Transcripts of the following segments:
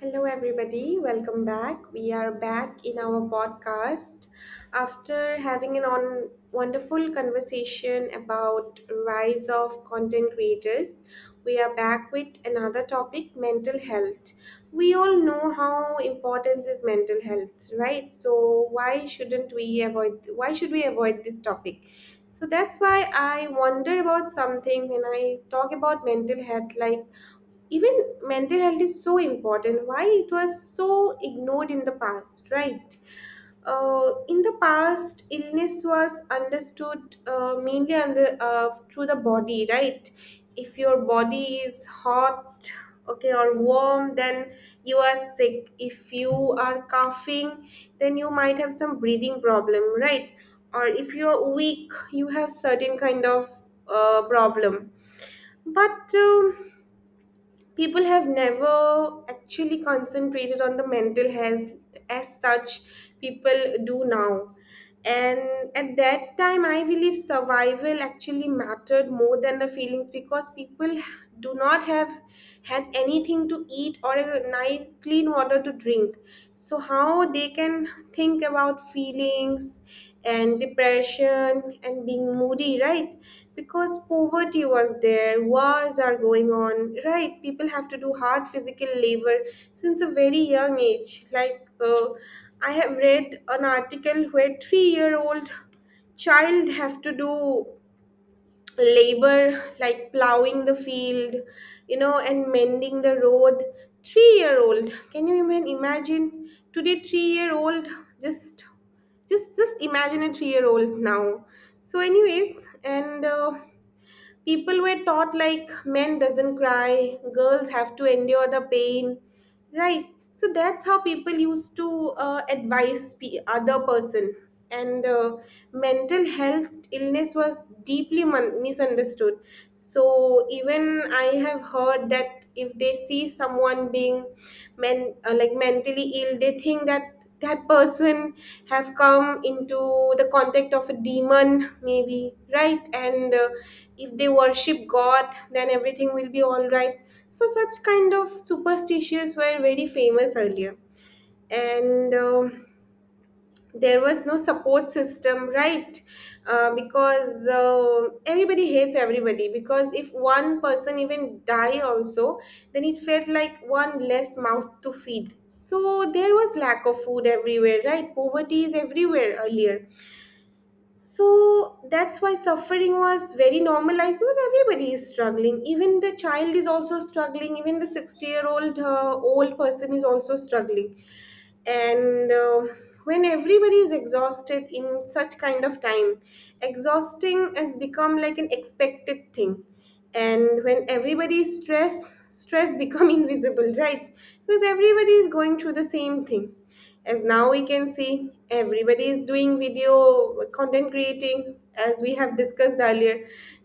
Hello, everybody. Welcome back. We are back in our podcast after having an on wonderful conversation about rise of content creators. We are back with another topic, mental health. We all know how important is mental health, right? So why shouldn't we avoid? Why should we avoid this topic? So that's why I wonder about something when I talk about mental health, like even mental health is so important, why it was so ignored in the past, right? In the past, illness was understood, mainly under, through the body, right? If your body is hot, okay, or warm, then you are sick. If you are coughing, then you might have some breathing problem, right? Or if you're weak, you have certain kind of problem. But people have never actually concentrated on the mental health as such people do now. And at that time, I believe survival actually mattered more than the feelings because people do not have had anything to eat or a nice clean water to drink. So how they can think about feelings and depression and being moody, right? Because poverty was there, wars are going on, right? People have to do hard physical labor since a very young age. Like, I have read an article where 3 year old child have to do labor, like plowing the field and mending the road. 3 year old, can you even imagine today? 3 year old, just just imagine a 3 year old now. So anyways, and people were taught, like, men doesn't cry, girls have to endure the pain, right. So that's how people used to advise other person. And mental health illness was deeply misunderstood. So even I have heard that if they see someone being men like mentally ill, they think that that person have come into the contact of a demon, maybe, right. And if they worship god, then everything will be all right. So such kind of superstitions were very famous earlier. And there was no support system, right. Because everybody hates everybody, because if one person even die also, then it felt like one less mouth to feed. So there was lack of food everywhere, right. Poverty is everywhere earlier. So that's why suffering was very normalized because everybody is struggling. Even the child is also struggling. Even the 60-year-old old person is also struggling. And when everybody is exhausted in such kind of time, exhausting has become like an expected thing. And when everybody is stressed, stress become invisible, right? Because everybody is going through the same thing, as now we can see everybody is doing video content creating, as we have discussed earlier.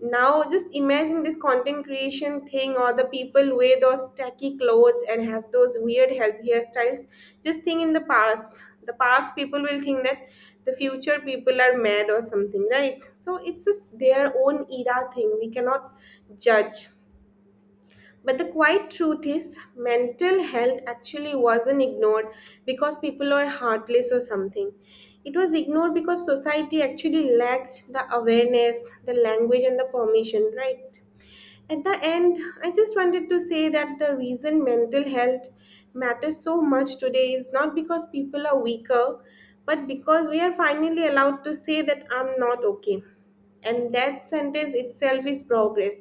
Now just imagine this content creation thing, or the people wear those tacky clothes and have those weird healthy hairstyles. Just think, in the past people will think that the future people are mad or something, right. So it's just their own era thing, we cannot judge. But the quiet truth is, mental health actually wasn't ignored because people are heartless or something. It was ignored because society actually lacked the awareness, the language, and the permission, right? At the end, I just wanted to say that the reason mental health matters so much today is not because people are weaker, but because we are finally allowed to say that I'm not okay. And that sentence itself is progress.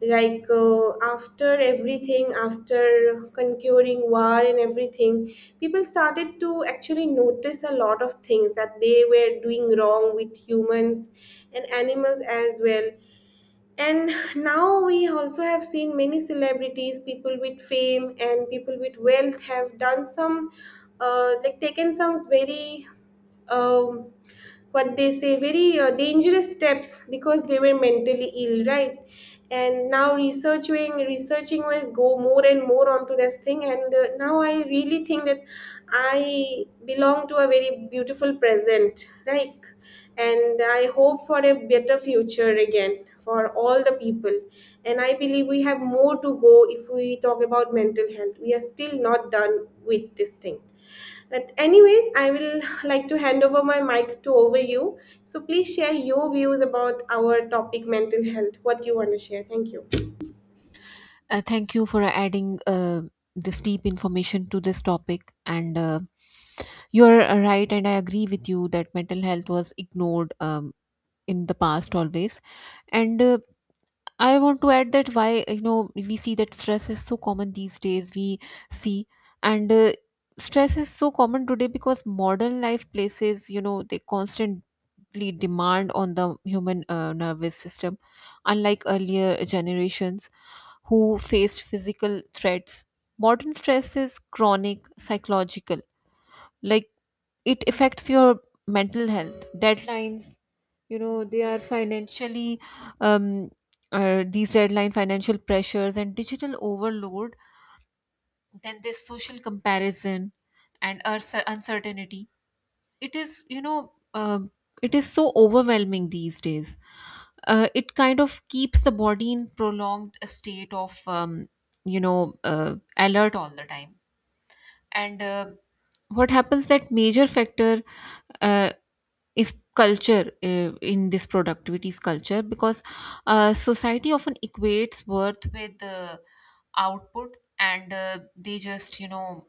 Like, after everything, after conquering war and everything, people started to actually notice a lot of things that they were doing wrong with humans and animals as well. And now we also have seen many celebrities, people with fame and people with wealth have done some, like taken some very um, what they say very dangerous steps, because they were mentally ill, right. And now researching was go more and more onto this thing. And now I really think that I belong to a very beautiful present, right. And I hope for a better future again for all the people. And I believe we have more to go. If we talk about mental health, we are still not done with this thing. But anyways, I will like to hand over my mic to over you. So please share your views about our topic, mental health. What do you want to share? Thank you. Thank you for adding this deep information to this topic. And You're right, and I agree with you that mental health was ignored in the past always. And I want to add that why, we see that stress is so common these days, we see. And stress is so common today because modern life places, they constantly demand on the human nervous system, unlike earlier generations who faced physical threats. Modern stress is chronic, psychological. Like it affects your mental health. Deadlines, they are um, these deadline financial pressures and digital overload. Then this social comparison and uncertainty, it is it is so overwhelming these days. Uh, it kind of keeps the body in prolonged state of alert all the time. And What happens that major factor uh, is culture, in this productivity is culture, because society often equates worth with output, and uh, they just you know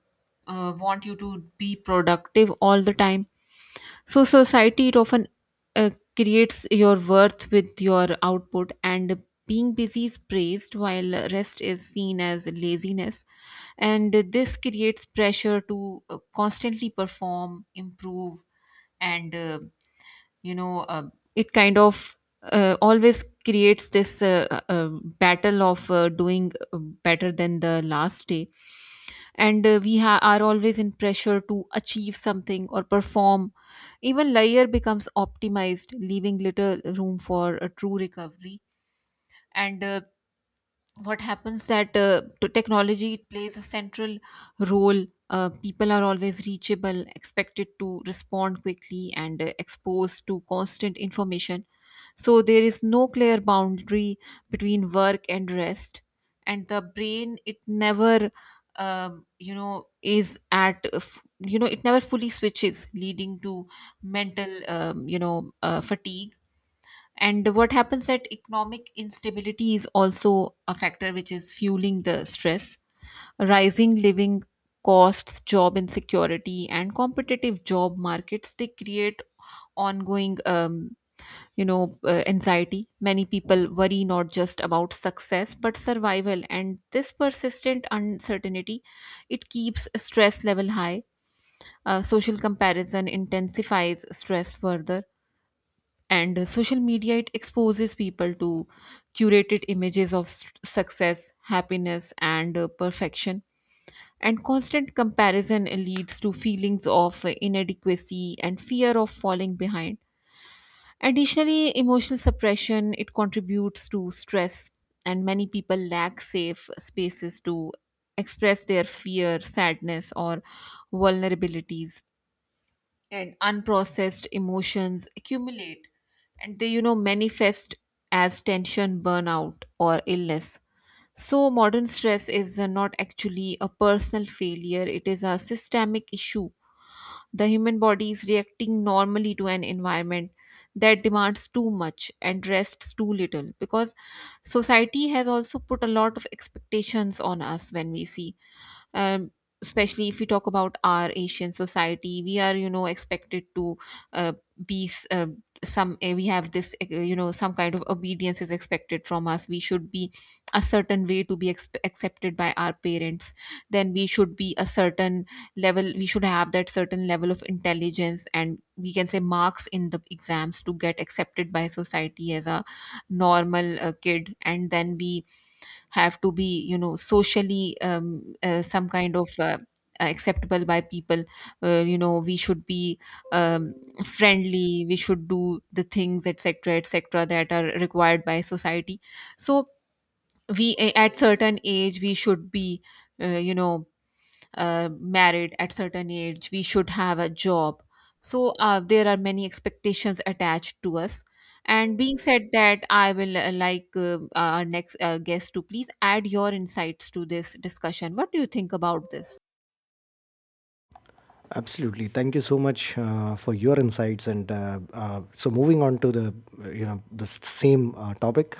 uh, want you to be productive all the time. So society, it often uh, creates your worth with your output, and being busy is praised while rest is seen as laziness, and this creates pressure to constantly perform, improve. And uh, you know uh, it kind of always creates this battle of doing better than the last day, and are always in pressure to achieve something or perform. Even layer becomes optimized, leaving little room for a true recovery. And What happens that to technology, it plays a central role. People are always reachable, expected to respond quickly, and exposed to constant information, so there is no clear boundary between work and rest, and the brain, it never you know is at f- you know it never fully switches, leading to mental fatigue. And what happens that economic instability is also a factor which is fueling the stress. Rising living costs, job insecurity, and competitive job markets, they create ongoing, anxiety. Many people worry not just about success but survival, and this persistent uncertainty, it keeps stress level high. Social comparison intensifies stress further, and social media, it exposes people to curated images of success, happiness, and perfection, and constant comparison leads to feelings of inadequacy and fear of falling behind. Additionally, emotional suppression, it contributes to stress, and many people lack safe spaces to express their fear, sadness, or vulnerabilities, and unprocessed emotions accumulate and they, you know, manifest as tension, burnout, or illness. So modern stress is not actually a personal failure, it is a systemic issue. The human body is reacting normally to an environment that demands too much and rests too little, because society has also put a lot of expectations on us. When we see, um, especially if we talk about our Asian society, we are, you know, expected to uh, be s- some eh, we have this, you know, some kind of obedience is expected from us. We should be a certain way to be accepted by our parents. Then we should be a certain level, we should have that certain level of intelligence, and we can say marks in the exams, to get accepted by society as a normal kid. And then we have to be, you know, socially some kind of acceptable by people. You know, we should be um, friendly, we should do the things, etc., etc., that are required by society. So at certain age we should be, you know, married, at certain age we should have a job. So there are many expectations attached to us. And being said that, I will like our next guest to please add your insights to this discussion. What do you think about this? Absolutely. Thank you so much for your insights. Moving on to the the same topic,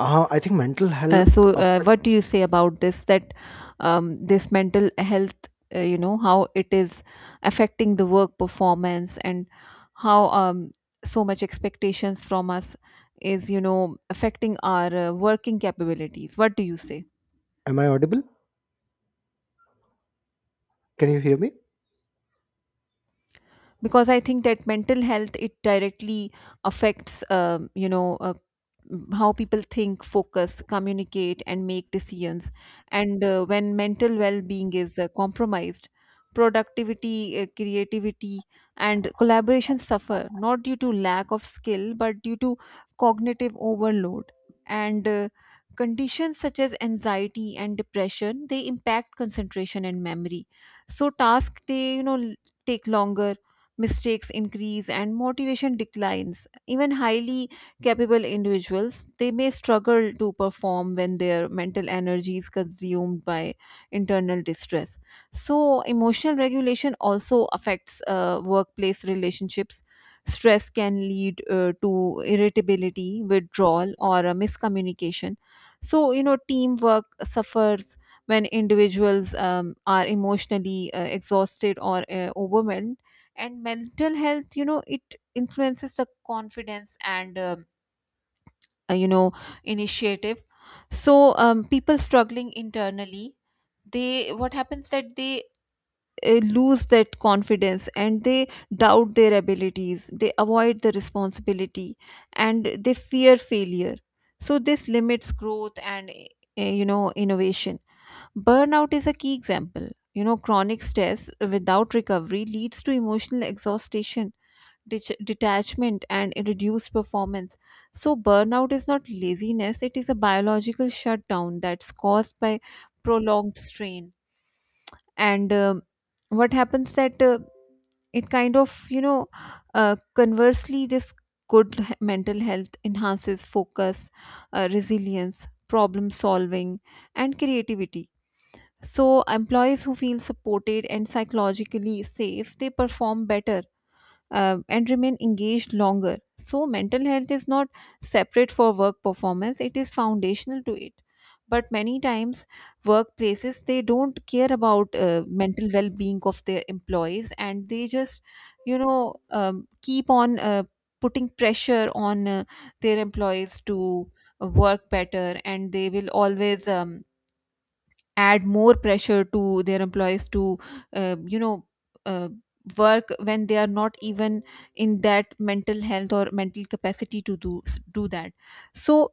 I think mental health. Affect- What do you say about this? That this mental health, you know, how it is affecting the work performance, and how so much expectations from us is, you know, affecting our working capabilities. What do you say? Am I audible? Can you hear me? Because I think that mental health, it directly affects how people think, focus, communicate, and make decisions. And when mental well-being is compromised, productivity, creativity, and collaboration suffer, not due to lack of skill but due to cognitive overload. And conditions such as anxiety and depression, they impact concentration and memory. So tasks, they, you know, take longer, mistakes increase, and motivation declines. Even highly capable individuals, they may struggle to perform when their mental energy is consumed by internal distress. So emotional regulation also affects workplace relationships. Stress can lead to irritability, withdrawal, or a miscommunication. So, you know, teamwork suffers when individuals are emotionally exhausted or overwhelmed. And mental health, you know, it influences the confidence and you know, initiative. So, people struggling internally, they, what happens that they lose that confidence, and they doubt their abilities, they avoid the responsibility, and they fear failure. So this limits growth and, you know, innovation. Burnout is a key example. You know, chronic stress without recovery leads to emotional exhaustion, detachment, and reduced performance. So, burnout is not laziness, it is a biological shutdown that's caused by prolonged strain. And what happens that it kind of, you know, conversely, this good mental health enhances focus, resilience, problem solving, and creativity. So, employees who feel supported and psychologically safe, they perform better, and remain engaged longer. So, mental health is not separate for work performance, it is foundational to it. But many times, workplaces, they don't care about mental well being of their employees, and they just, keep on putting pressure on their employees to work better, and they will always. Add more pressure to their employees to, uh, you know uh, work when they are not even in that mental health or mental capacity to do that. So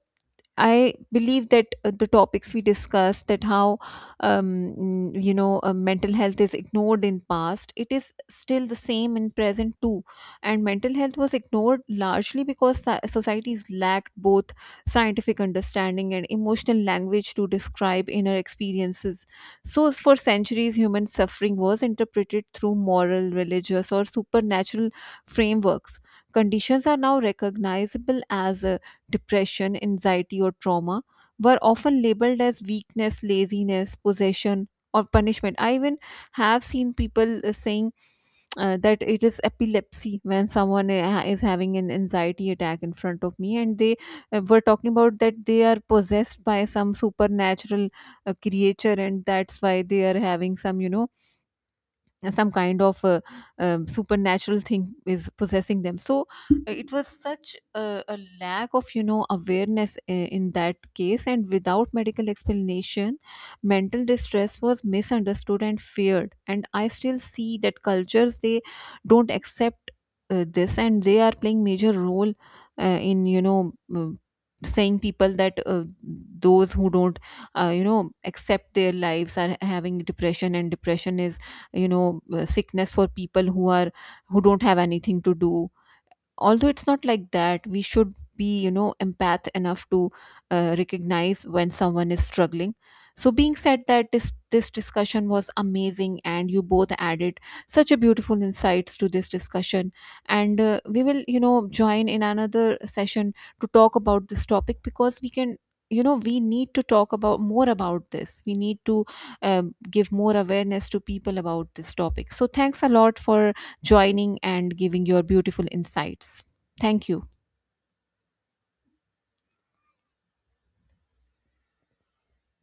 I believe that, the topics we discussed, that how mental health is ignored in past, it is still the same in present too. And mental health was ignored largely because societies lacked both scientific understanding and emotional language to describe inner experiences. So for centuries, human suffering was interpreted through moral, religious, or supernatural frameworks. Conditions are now recognizable as depression, anxiety, or trauma, were often labeled as weakness, laziness, possession, or punishment. I even have seen people saying that it is epilepsy when someone is having an anxiety attack in front of me, and they were talking about that they are possessed by some supernatural creature, and that's why they are having some, you know, some kind of supernatural thing is possessing them. So it was such a lack of, you know, awareness in that case, and without medical explanation, mental distress was misunderstood and feared. And I still see that cultures, they don't accept this, and they are playing major role in, you know, saying people that, those who don't you know, accept their lives are having depression, and depression is, you know, sickness for people who are who don't have anything to do, although it's not like that. We should be, you know, empath enough to recognize when someone is struggling. So being said that, this discussion was amazing, and you both added such a beautiful insights to this discussion. And we will, you know, join in another session to talk about this topic, because we can, you know, we need to talk about more about this. We need to give more awareness to people about this topic. So thanks a lot for joining and giving your beautiful insights. Thank you.